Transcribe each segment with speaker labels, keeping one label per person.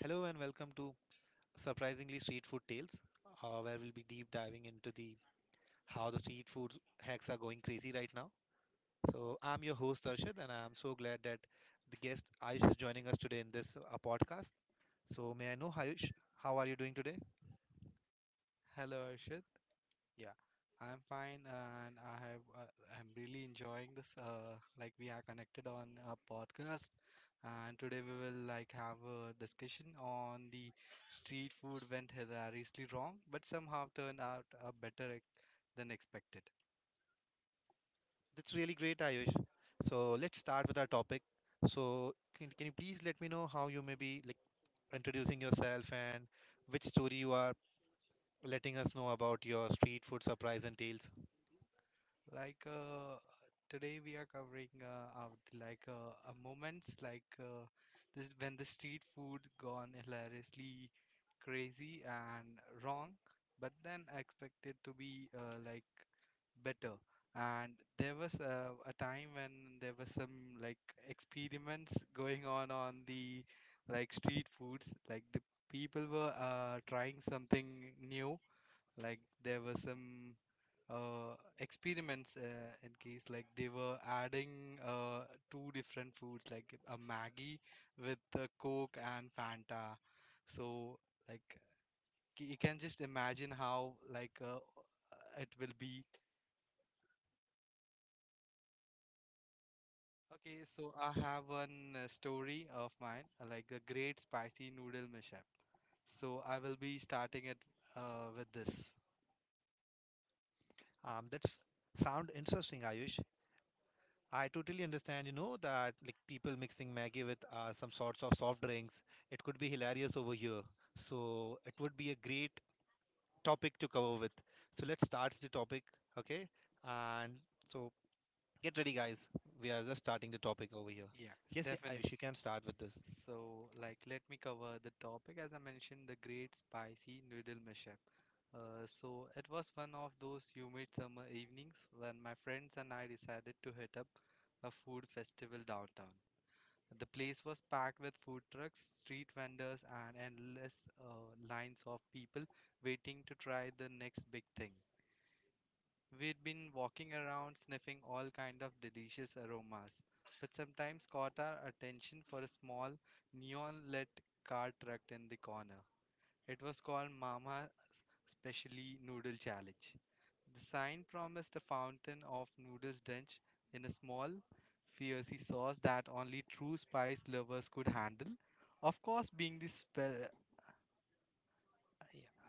Speaker 1: Hello and welcome to Surprisingly Street Food Tales, where we'll be deep diving into the how the street food hacks are going crazy right now. So I'm your host Arshad, and I'm so glad that the guest Ayush is joining us today in this podcast. So may I know Ayush, how are you doing today?
Speaker 2: Hello, Arshad. Yeah, I'm fine, and I'm really enjoying this. Like we are connected on a podcast, and today we will like have a discussion on the street food went hilariously wrong, but somehow turned out better than expected.
Speaker 1: That's really great, Ayush. So let's start with our topic. So can you please let me know how you may be like introducing yourself and which story you are letting us know about your street food surprise and tales?
Speaker 2: Like today we are covering out like moments like this when the street food gone hilariously crazy and wrong, but then expected to be like better. And there was a time when there was some like experiments going on the like street foods. Like the people were trying something new like there were some uh, experiments in case like they were adding two different foods like a Maggie with Coke and Fanta. So like you can just imagine how like it will be. Okay, so I have one story of mine, like the great spicy noodle mishap. So I will be starting it with this.
Speaker 1: That's sound interesting, Ayush. I totally understand, that like people mixing Maggie with some sorts of soft drinks. It could be hilarious over here. So it would be a great topic to cover with. So let's start the topic, okay? And so get ready, guys. We are just starting the topic over here.
Speaker 2: Yeah,
Speaker 1: Yes, yeah,
Speaker 2: definitely.
Speaker 1: Ayush, you can start with this.
Speaker 2: So, like, let me cover the topic. As I mentioned, the great spicy noodle mashup. So, it was one of those humid summer evenings when my friends and I decided to hit up a food festival downtown. The place was packed with food trucks, street vendors, and endless lines of people waiting to try the next big thing. We'd been walking around sniffing all kind of delicious aromas, but sometimes caught our attention for a small neon-lit car trucked in the corner. It was called Mama Specially Noodle Challenge. The sign promised a fountain of noodles drenched in a small, fiery sauce that only true spice lovers could handle. Of course, being the spe-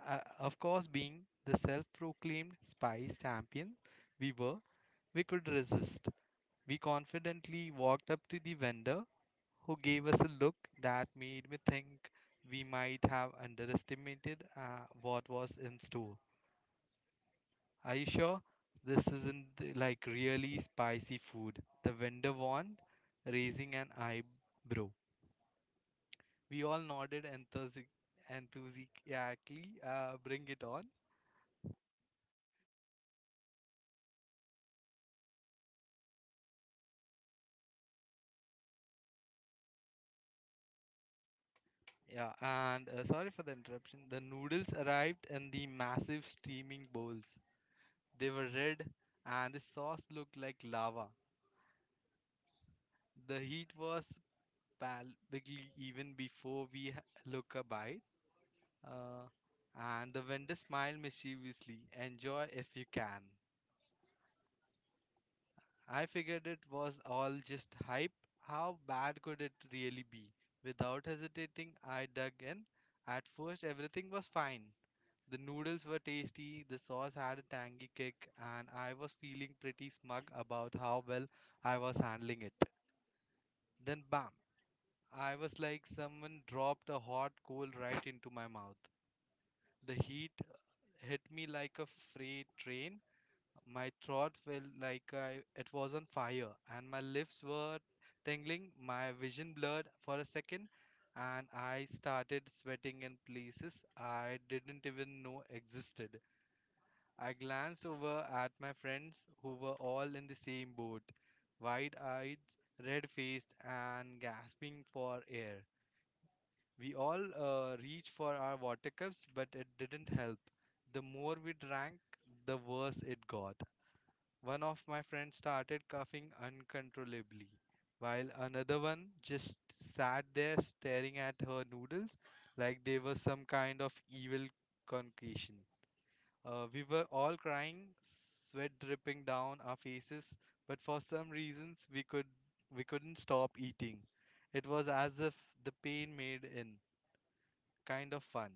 Speaker 2: of course being the self-proclaimed spice champion we were, we could resist. We confidently walked up to the vendor, who gave us a look that made me think we might have underestimated what was in store. Are you sure this isn't the, like really spicy food? The vendor warned, raising an eyebrow. We all nodded enthusiastically. Bring it on. Yeah, and sorry for the interruption. The noodles arrived in the massive steaming bowls. They were red, and the sauce looked like lava. The heat was palpably even before we look a bite. Uh, and the vendor smiled mischievously. Enjoy if you can. I figured it was all just hype. How bad could it really be? Without hesitating, I dug in. At first, everything was fine. The noodles were tasty, the sauce had a tangy kick, and I was feeling pretty smug about how well I was handling it. Then bam, I was like someone dropped a hot coal right into my mouth. The heat hit me like a freight train. My throat felt like I, it was on fire, and my lips were tingling. My vision blurred for a second, and I started sweating in places I didn't even know existed. I glanced over at my friends who were all in the same boat, wide eyed, red faced, and gasping for air. We all reached for our water cups, but it didn't help. The more we drank, the worse it got. One of my friends started coughing uncontrollably, while another one just sat there staring at her noodles like they were some kind of evil concoction. We were all crying, sweat dripping down our faces, but for some reasons we couldn't stop eating. It was as if the pain made in kind of fun.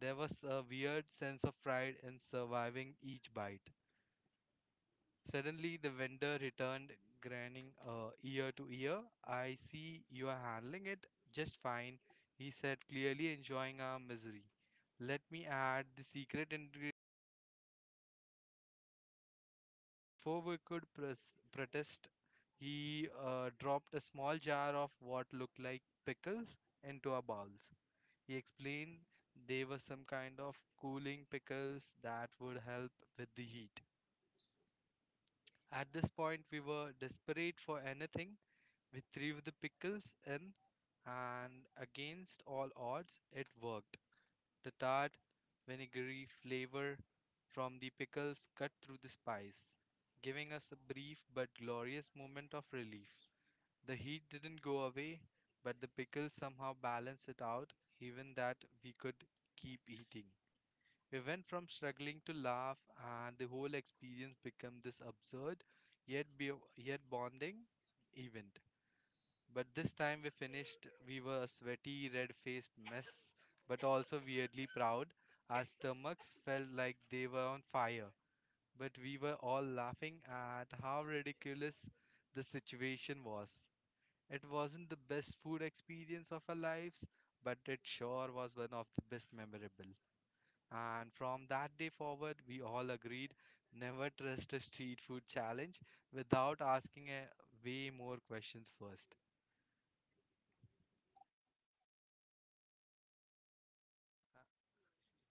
Speaker 2: There was a weird sense of pride in surviving each bite. Suddenly, the vendor returned, grinning ear to ear. I see you are handling it just fine, he said, clearly enjoying our misery. Let me add the secret ingredient. Trust me, it will help. Before we could protest, he dropped a small jar of what looked like pickles into our bowls. He explained they were some kind of cooling pickles that would help with the heat. At this point, we were desperate for anything. We threw the pickles in, and against all odds, it worked. The tart, vinegary flavor from the pickles cut through the spice, giving us a brief but glorious moment of relief. The heat didn't go away, but the pickles somehow balanced it out, even that we could keep eating. We went from struggling to laugh, and the whole experience became this absurd yet be- yet bonding event. But this time we finished. We were a sweaty, red-faced mess, but also weirdly proud. Our stomachs felt like they were on fire, but we were all laughing at how ridiculous the situation was. It wasn't the best food experience of our lives, but it sure was one of the best memorable. And from that day forward, we all agreed never trust a street food challenge without asking a way more questions first.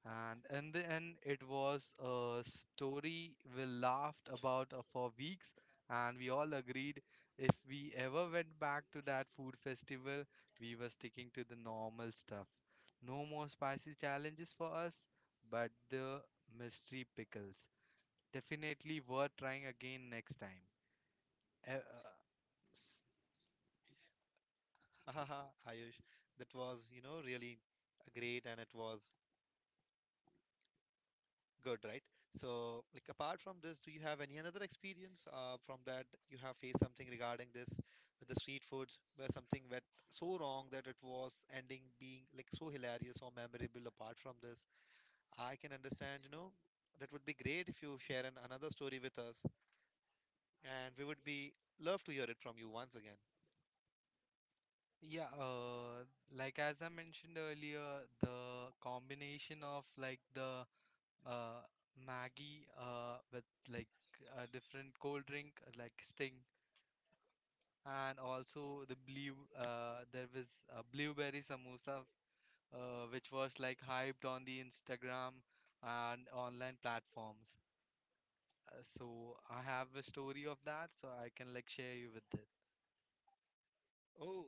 Speaker 2: And in the end, it was a story we laughed about for weeks, and we all agreed if we ever went back to that food festival, we were sticking to the normal stuff. No more spicy challenges for us, but the mystery pickles. Definitely worth trying again next time. E- Uh, S-
Speaker 1: Haha, Ayush, that was, really great and it was good, right? So, like, apart from this, do you have any another experience from that you have faced something regarding this, with the street foods, where something went so wrong that it was ending being like so hilarious or memorable? Apart from this, I can understand, that would be great if you share an, another story with us, and we would be love to hear it from you once again.
Speaker 2: Yeah, like as I mentioned earlier, the combination of like the uh Maggie with like a different cold drink like Sting and also there was a blueberry samosa which was like hyped on the Instagram and online platforms. So I have a story of that, so I can like share you with it.
Speaker 1: Oh,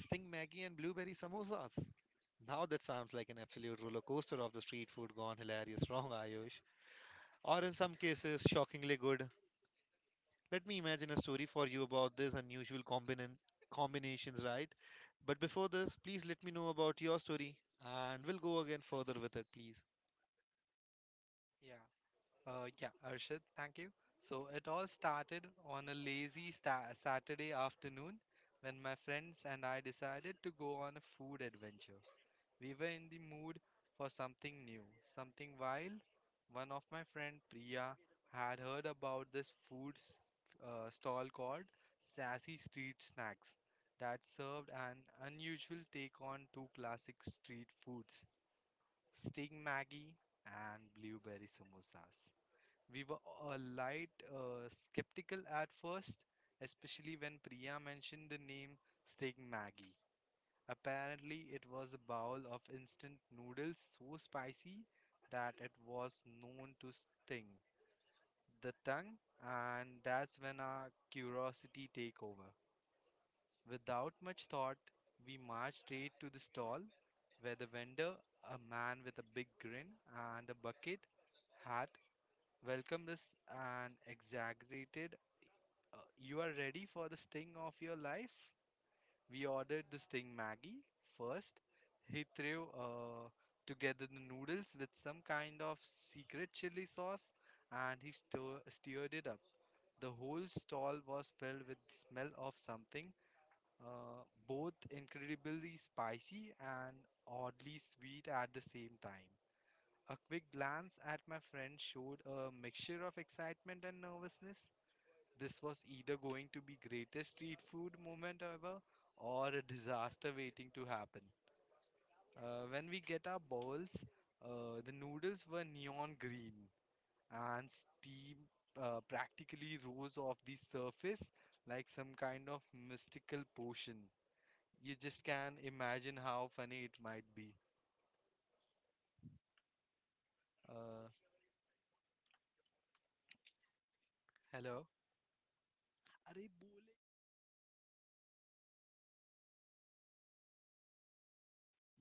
Speaker 1: Sting Maggie and blueberry samosas. Now that sounds like an absolute roller coaster of the street food gone hilarious wrong, Ayush, or in some cases, shockingly good. Let me imagine a story for you about this combinations, right? But before this, please let me know about your story and we'll go again further with it, please.
Speaker 2: Yeah. Yeah, Arshad, thank you. So it all started on a lazy Saturday afternoon when my friends and I decided to go on a food adventure. We were in the mood for something new, something wild. One of my friend Priya had heard about this food stall called Sassy Street Snacks that served an unusual take on two classic street foods, Sting Maggie and blueberry samosas. We were a light skeptical at first, especially when Priya mentioned the name Stig Maggie. Apparently, it was a bowl of instant noodles so spicy that it was known to sting the tongue, and that's when our curiosity take over. Without much thought, we marched straight to the stall where the vendor, a man with a big grin and a bucket, had welcome this and exaggerated. You are ready for the sting of your life? We ordered the sting Maggie first. He threw together the noodles with some kind of secret chili sauce, and he stirred it up. The whole stall was filled with the smell of something both incredibly spicy and oddly sweet at the same time. A quick glance at my friend showed a mixture of excitement and nervousness. This was either going to be greatest street food moment ever or a disaster waiting to happen. When we get our bowls, the noodles were neon green, and steam practically rose off the surface like some kind of mystical potion. You just can imagine how funny it might be. Uh, Hello? अरे बोले.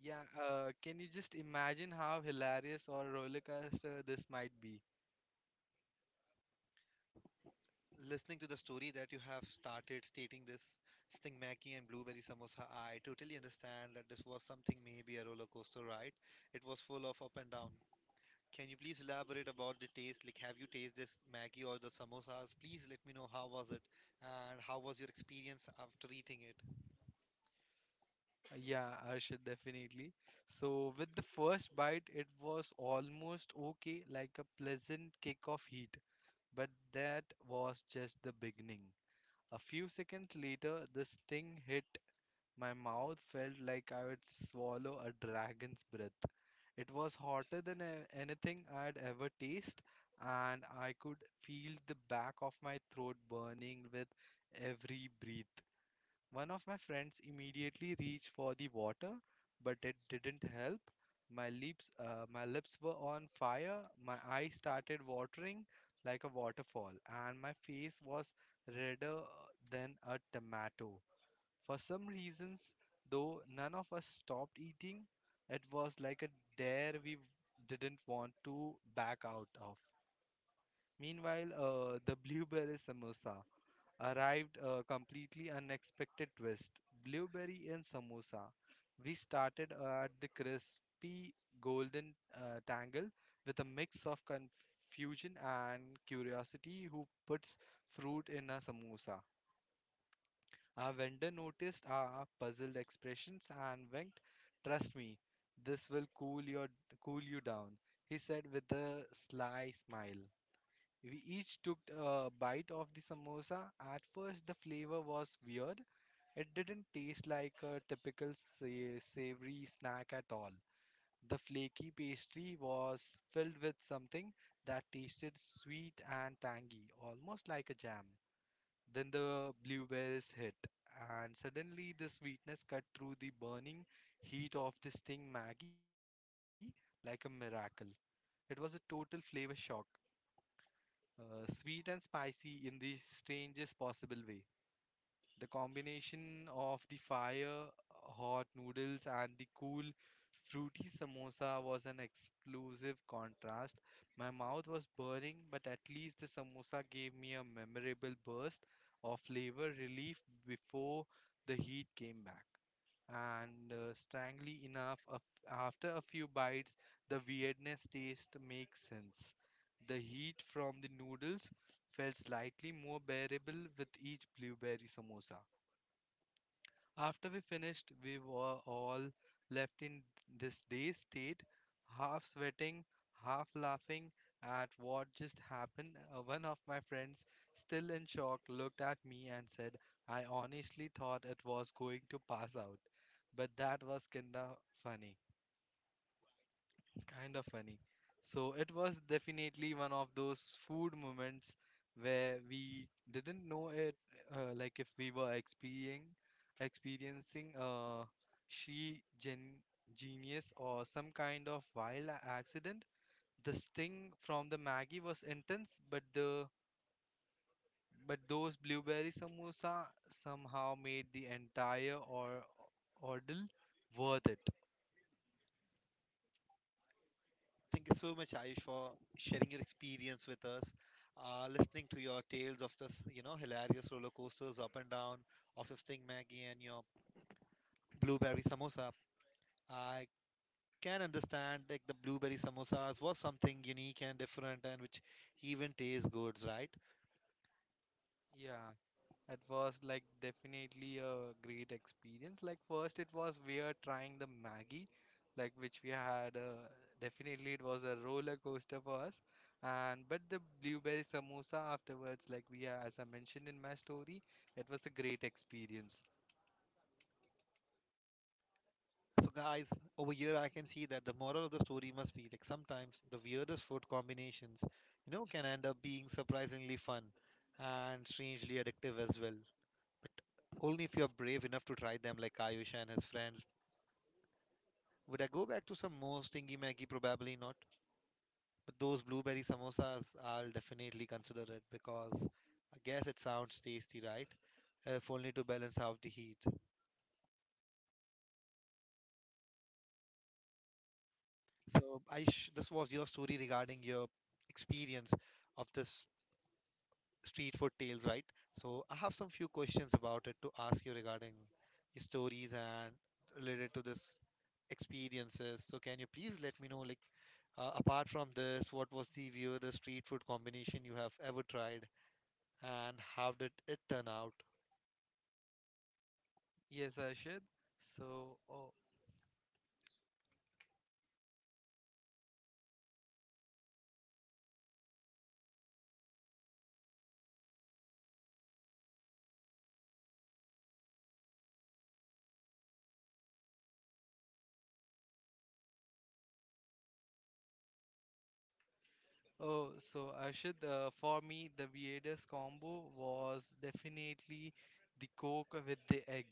Speaker 2: Yeah, can you just imagine how hilarious or roller coaster this might be?
Speaker 1: Listening to the story that you have started stating this Sting Maggie and Blueberry Samosa, I totally understand that this was something maybe a roller coaster ride. It was full of up and down. Can you please elaborate about the taste? Like, have you tasted this Maggie or the samosas? Please let me know how was it and how was your experience after eating it.
Speaker 2: Yeah, Arshad, definitely. So, with the first bite, it was almost okay, like a pleasant kick of heat, but that was just the beginning. A few seconds later, this thing hit. My mouth felt like I would swallow a dragon's breath. It was hotter than anything I'd ever tasted, and I could feel the back of my throat burning with every breath. One of my friends immediately reached for the water, but it didn't help. My lips were on fire. My eyes started watering like a waterfall, and my face was redder than a tomato. For some reasons, though, none of us stopped eating. It was like a dare we didn't want to back out of. Meanwhile, the blueberry samosa arrived a completely unexpected twist. Blueberry and samosa. We started at the crispy golden tangle with a mix of confusion and curiosity who puts fruit in a samosa. Our vendor noticed our puzzled expressions and winked. Trust me, this will cool you down, he said with a sly smile. We each took a bite of the samosa. At first, the flavor was weird. It didn't taste like a typical savory snack at all. The flaky pastry was filled with something that tasted sweet and tangy, almost like a jam. Then the bluebells hit, and suddenly the sweetness cut through the burning heat of this thing, Maggie, like a miracle. It was a total flavor shock, sweet and spicy in the strangest possible way. The combination of the fire hot noodles and the cool fruity samosa was an explosive contrast. My mouth was burning, but at least the samosa gave me a memorable burst of flavor relief before the heat came back. And strangely enough, af- After a few bites, the weirdness taste makes sense. The heat from the noodles felt slightly more bearable with each blueberry samosa. After we finished, we were all left in this dazed state, half sweating, half laughing at what just happened. One of my friends, still in shock, looked at me and said, I honestly thought it was going to pass out, but that was funny kind of funny. So it was definitely one of those food moments where we didn't know it, like if we were experiencing experiencing she gen genius or some kind of wild accident. The sting from the Maggie was intense, but the but those blueberry samosa somehow made the entire or ordeal worth it.
Speaker 1: Thank you so much, Ayush, for sharing your experience with us, listening to your tales of this, hilarious roller coasters up and down of your Sting Maggie and your blueberry samosa. I can understand like the blueberry samosas was something unique and different and which even tastes good, right?
Speaker 2: Yeah, at first, like definitely a great experience. Like first, it was we are trying the Maggie, like which we had. Definitely, it was a roller coaster for us. And but the blueberry samosa afterwards, like we are, as I mentioned in my story, it was a great experience.
Speaker 1: So, guys, over here I can see that the moral of the story must be like sometimes the weirdest food combinations, can end up being surprisingly fun and strangely addictive as well. But only if you're brave enough to try them, like Ayush and his friends. Would I go back to some more stingy Maggie? Probably not. But those blueberry samosas, I'll definitely consider it because I guess it sounds tasty, right? If only to balance out the heat. So, Ayush, this was your story regarding your experience of this street food tales, right? So I have some few questions about it to ask you regarding stories and related to this experiences. So can you please let me know, like, apart from this, what was the view the street food combination you have ever tried, and how did it turn out?
Speaker 2: Yes, Arshad. So, oh, Oh, so Ashid, for me, the weirdest combo was definitely the Coke with the egg.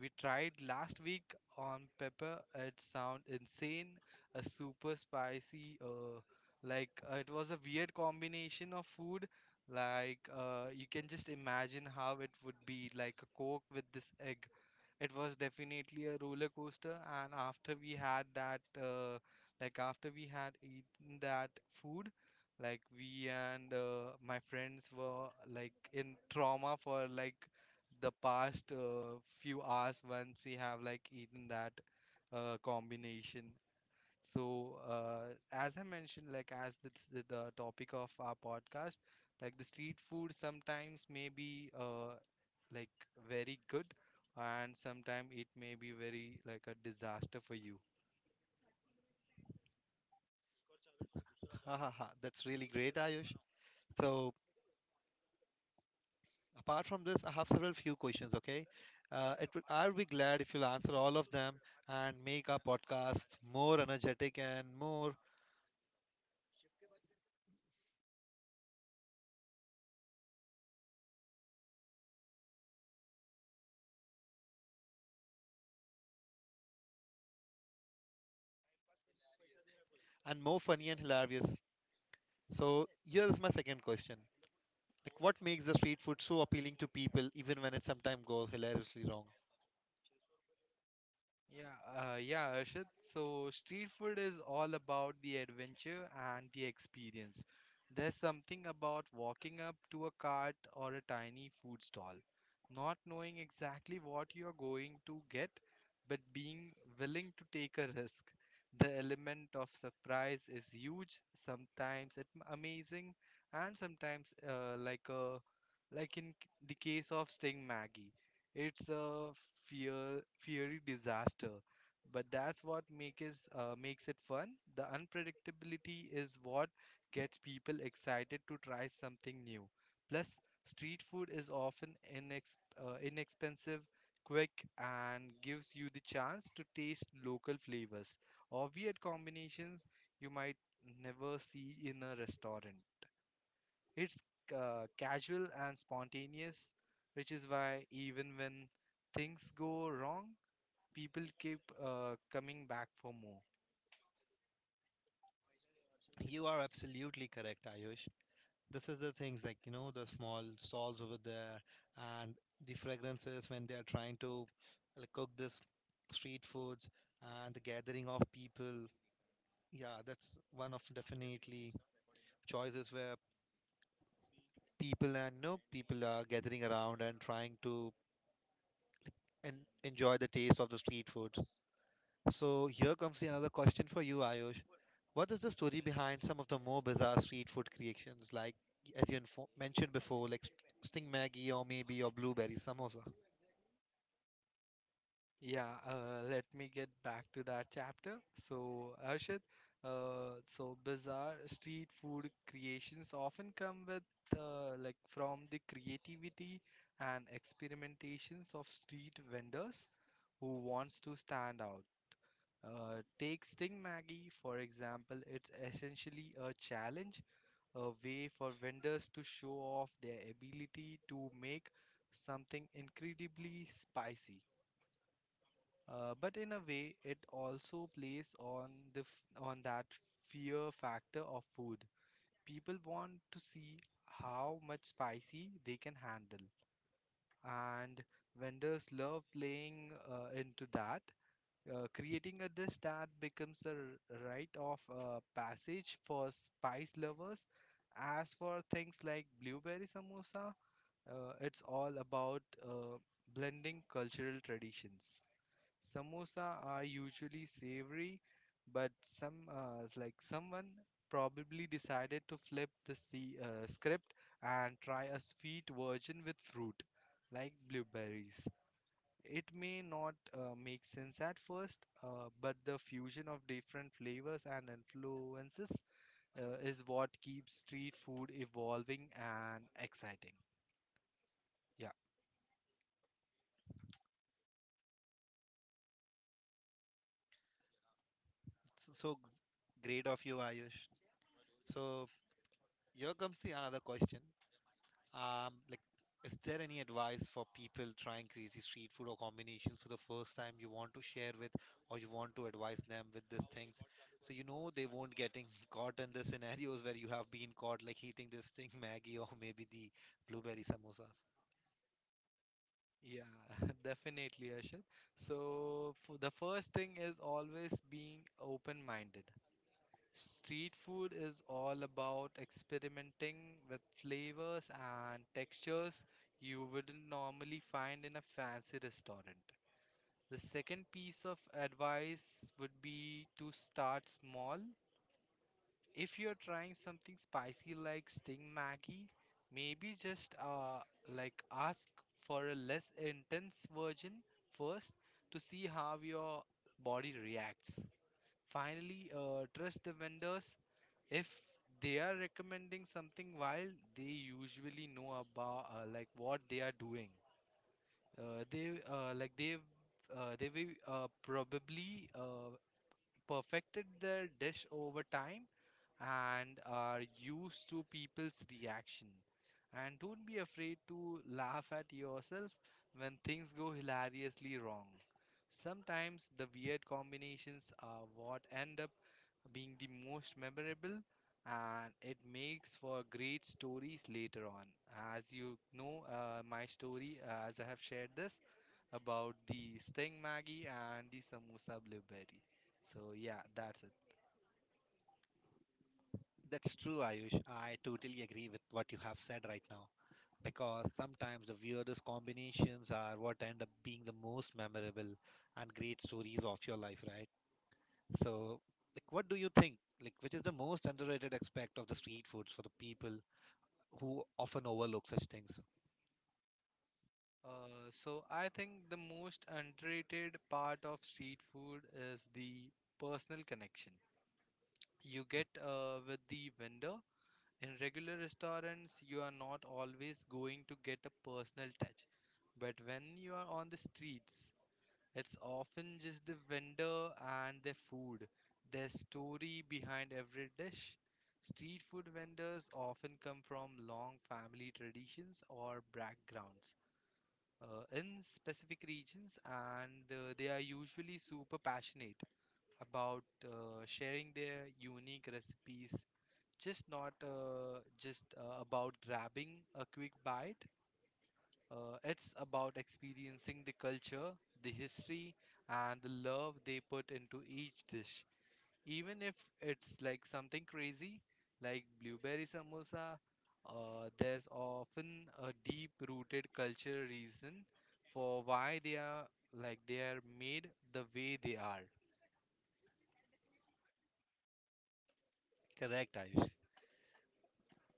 Speaker 2: We tried last week on pepper. It sound insane, a super spicy. It was a weird combination of food. You can just imagine how it would be like a Coke with this egg. It was definitely a roller coaster, and after we had that, like after we had eaten that food. Like we and My friends were like in trauma for like the past few hours once we have like eaten that combination. As I mentioned, like as it's the topic of our podcast, like the street food sometimes may be like very good and sometimes it may be very like a disaster for you.
Speaker 1: Ha ha ha! That's really great, Ayush. So apart from this, I have several few questions. Okay, it would I'll be glad if you'll answer all of them and make our podcast more energetic and more funny and hilarious. So here's my second question. Like what makes the street food so appealing to people even when it sometimes goes hilariously wrong?
Speaker 2: Yeah, Arshad. So, street food is all about the adventure and the experience. There's something about walking up to a cart or a tiny food stall, not knowing exactly what you're going to get, but being willing to take a risk. The element of surprise is huge, sometimes it amazing, and sometimes like a like in c- the case of Sting Maggie. It's a fear fiery disaster, but that's what makes it fun. The unpredictability is what gets people excited to try something new. Plus, street food is often inexpensive, quick, and gives you the chance to taste local flavors or weird combinations you might never see in a restaurant. It's casual and spontaneous, which is why even when things go wrong, people keep coming back for more.
Speaker 1: You are absolutely correct, Ayush. This is the things like, the small stalls over there and the fragrances when they are trying to like, cook this street foods and the gathering of people. Yeah, that's one of definitely choices where people and no people are gathering around and trying to and enjoy the taste of the street foods. So here comes the another question for you, Ayush. What is the story behind some of the more bizarre street food creations, like as you mentioned before, like Sting Maggie or maybe or blueberry samosa?
Speaker 2: Yeah, Let me get back to that chapter. So, Arshad, so bizarre street food creations often come with like from the creativity and experimentations of street vendors who wants to stand out. Take Sting Maggie, for example, it's essentially a challenge, a way for vendors to show off their ability to make something incredibly spicy. But in a way, it also plays on on that fear factor of food. People want to see how much spicy they can handle, and vendors love playing into that. Creating a dish that becomes a rite of passage for spice lovers. As for things like blueberry samosa, it's all about blending cultural traditions. Samosa are usually savory, but someone probably decided to flip the script and try a sweet version with fruit, like blueberries. It may not make sense at first, but the fusion of different flavors and influences is what keeps street food evolving and exciting. Yeah.
Speaker 1: It's so great of you, Ayush. So here comes the another question. Like, is there any advice for people trying crazy street food or combinations for the first time you want to share with or you want to advise them with these things? So you know they won't getting caught in the scenarios where you have been caught like eating this thing Maggie or maybe the blueberry samosas.
Speaker 2: Yeah, definitely, Ashit. So, for the first thing is always being open minded. Street food is all about experimenting with flavors and textures you wouldn't normally find in a fancy restaurant. The second piece of advice would be to start small. If you're trying something spicy like Sting Maggie, maybe just ask for a less intense version first to see how your body reacts. Finally, trust the vendors. If they are recommending something wild, they usually know about like what they are doing. They like they will probably Perfected their dish over time and are used to people's reaction. And don't be afraid to laugh at yourself when things go hilariously wrong. Sometimes the weird combinations are what end up being the most memorable, and it makes for great stories later on. As you know, my story, as I have shared this, about the Sting Maggie and the Samosa Blueberry. So, yeah, that's it.
Speaker 1: That's true, Ayush. I totally agree with what you have said right now. Because sometimes the weirdest combinations are what end up being the most memorable and great stories of your life, right? So, like, what do you think? Like, which is the most underrated aspect of the street foods for the people who often overlook such things?
Speaker 2: So, I think the most underrated part of street food is the personal connection you get with the vendor. In regular restaurants, you are not always going to get a personal touch. But when you are on the streets, it's often just the vendor and their food, their story behind every dish. Street food vendors often come from long family traditions or backgrounds in specific regions, and they are usually super passionate about sharing their unique recipes. Just not just about grabbing a quick bite, it's about experiencing the culture, the history, and the love they put into each dish. Even if it's like something crazy, like blueberry samosa, there's often a deep-rooted culture reason for why they are like they are made the way they are.
Speaker 1: Correct, Ayush.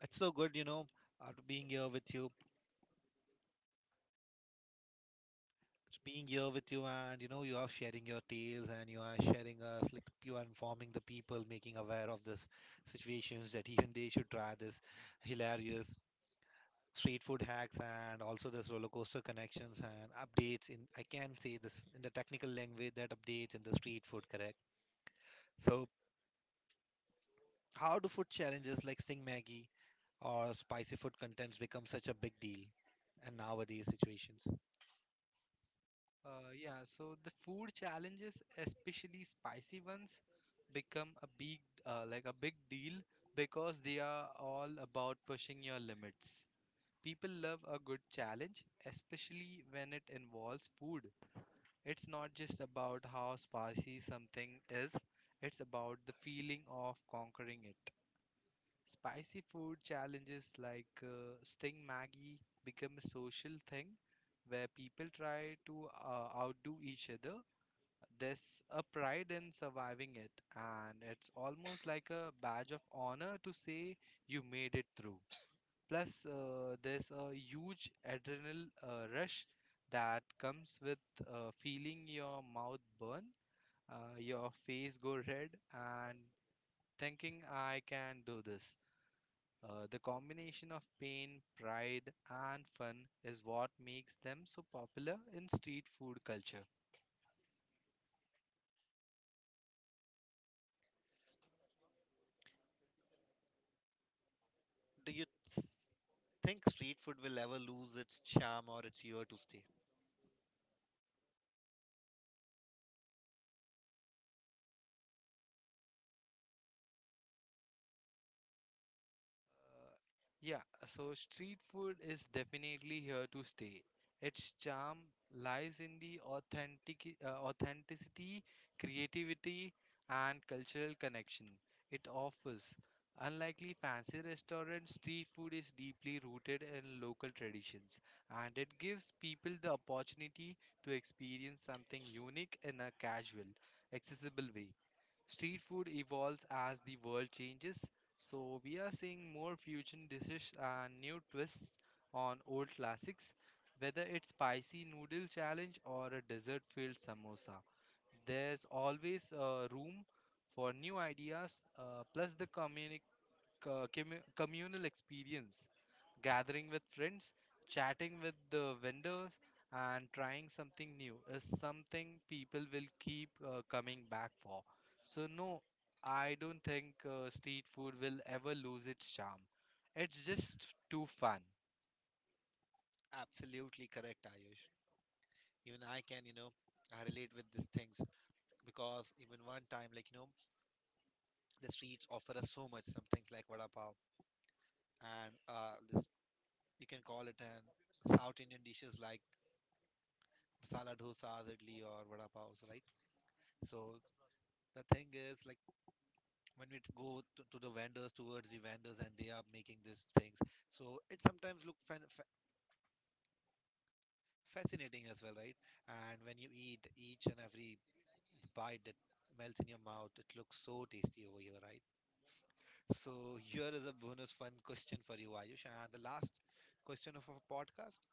Speaker 1: It's so good, after being here with you. It's being here with you, and you know, you are sharing your tales and you are sharing us, like, you are informing the people, making aware of this situations that even they should try this hilarious street food hacks and also this roller coaster connections and updates in I can say this in the technical language that updates in the street food, correct? So how do food challenges like Sting Maggie or spicy food contents become such a big deal in nowadays situations?
Speaker 2: Yeah, so the food challenges, especially spicy ones, become a big like a big deal because they are all about pushing your limits. People love a good challenge, especially when it involves food. It's not just about how spicy something is, it's about the feeling of conquering it. Spicy food challenges like Sting Maggie become a social thing where people try to outdo each other. There's a pride in surviving it, and it's almost like a badge of honor to say you made it through. Plus, there's a huge adrenal rush that comes with feeling your mouth burn, your face go red, and thinking I can do this. The combination of pain, pride, and fun is what makes them so popular in street food culture.
Speaker 1: Do you s- think street food will ever lose its charm or its year to stay?
Speaker 2: Uh, yeah, so street food is definitely here to stay. Its charm lies in the authenticity, creativity, and cultural connection it offers. Unlikely fancy restaurants, street food is deeply rooted in local traditions, and it gives people the opportunity to experience something unique in a casual, accessible way. Street food evolves as the world changes, so we are seeing more fusion dishes and new twists on old classics. Whether it's spicy noodle challenge or a dessert-filled samosa, there's always room for new ideas. Plus the communal experience gathering with friends, chatting with the vendors, and trying something new is something people will keep coming back for. So, no, I don't think street food will ever lose its charm. It's just too fun.
Speaker 1: Absolutely correct, Ayush. Even I can, I relate with these things because even one time, like, the streets offer us so much, some things like vada pav and this, you can call it an South Indian dishes like masala dosas, idli, or vada pavs, right? So the thing is, like, when go to the vendors towards the vendors and they are making these things, so it sometimes look fascinating as well, right? And when you eat each and every bite that melts in your mouth, it looks so tasty over here, right? So here is a bonus fun question for you, Ayush, and the last question of our podcast.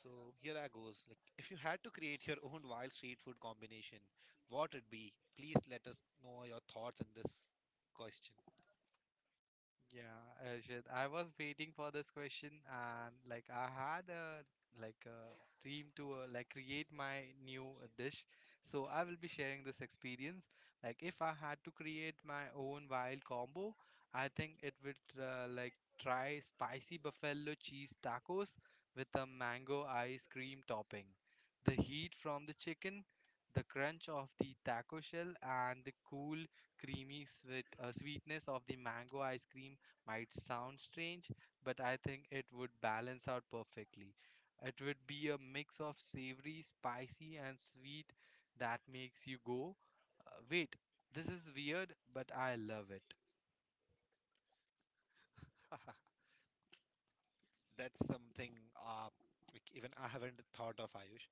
Speaker 1: So here I goes, like, if you had to create your own wild street food combination, what it be? Please let us know your thoughts on this question.
Speaker 2: Yeah, Arshad, I was waiting for this question and like I had a dream to create my new dish. So I will be sharing this experience. Like if I had to create my own wild combo, I think it would try spicy buffalo cheese tacos with a mango ice cream topping. The heat from the chicken, the crunch of the taco shell and the cool creamy sweetness of the mango ice cream might sound strange, but I think it would balance out perfectly. It would be a mix of savory, spicy, and sweet that makes you go, wait, this is weird, but I love it.
Speaker 1: That's something uh, like even I haven't thought of, Ayush.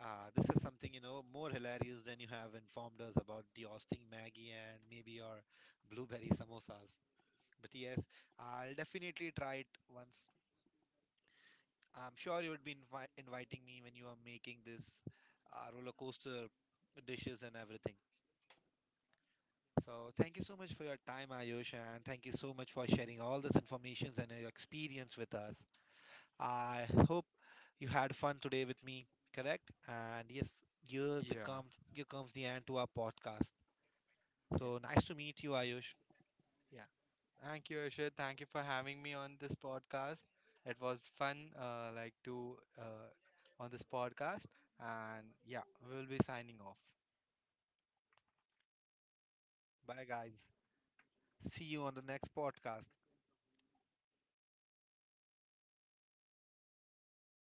Speaker 1: This is something, more hilarious than you have informed us about the Austin Maggie and maybe your blueberry samosas. But yes, I'll definitely try it once. I'm sure you would be inviting me when you are making this roller coaster dishes and everything. So thank you so much for your time, Ayush, and thank you so much for sharing all this information and your experience with us. I hope you had fun today with me, correct? And yes,
Speaker 2: Yeah,
Speaker 1: here comes the end to our podcast.
Speaker 2: yeah,
Speaker 1: So nice to meet you, Ayush.
Speaker 2: yeah. Thank you, Ashad. Thank you for having me on this podcast. It was fun, like to on this podcast, and yeah, we'll be signing off.
Speaker 1: Bye guys. See you on the next podcast.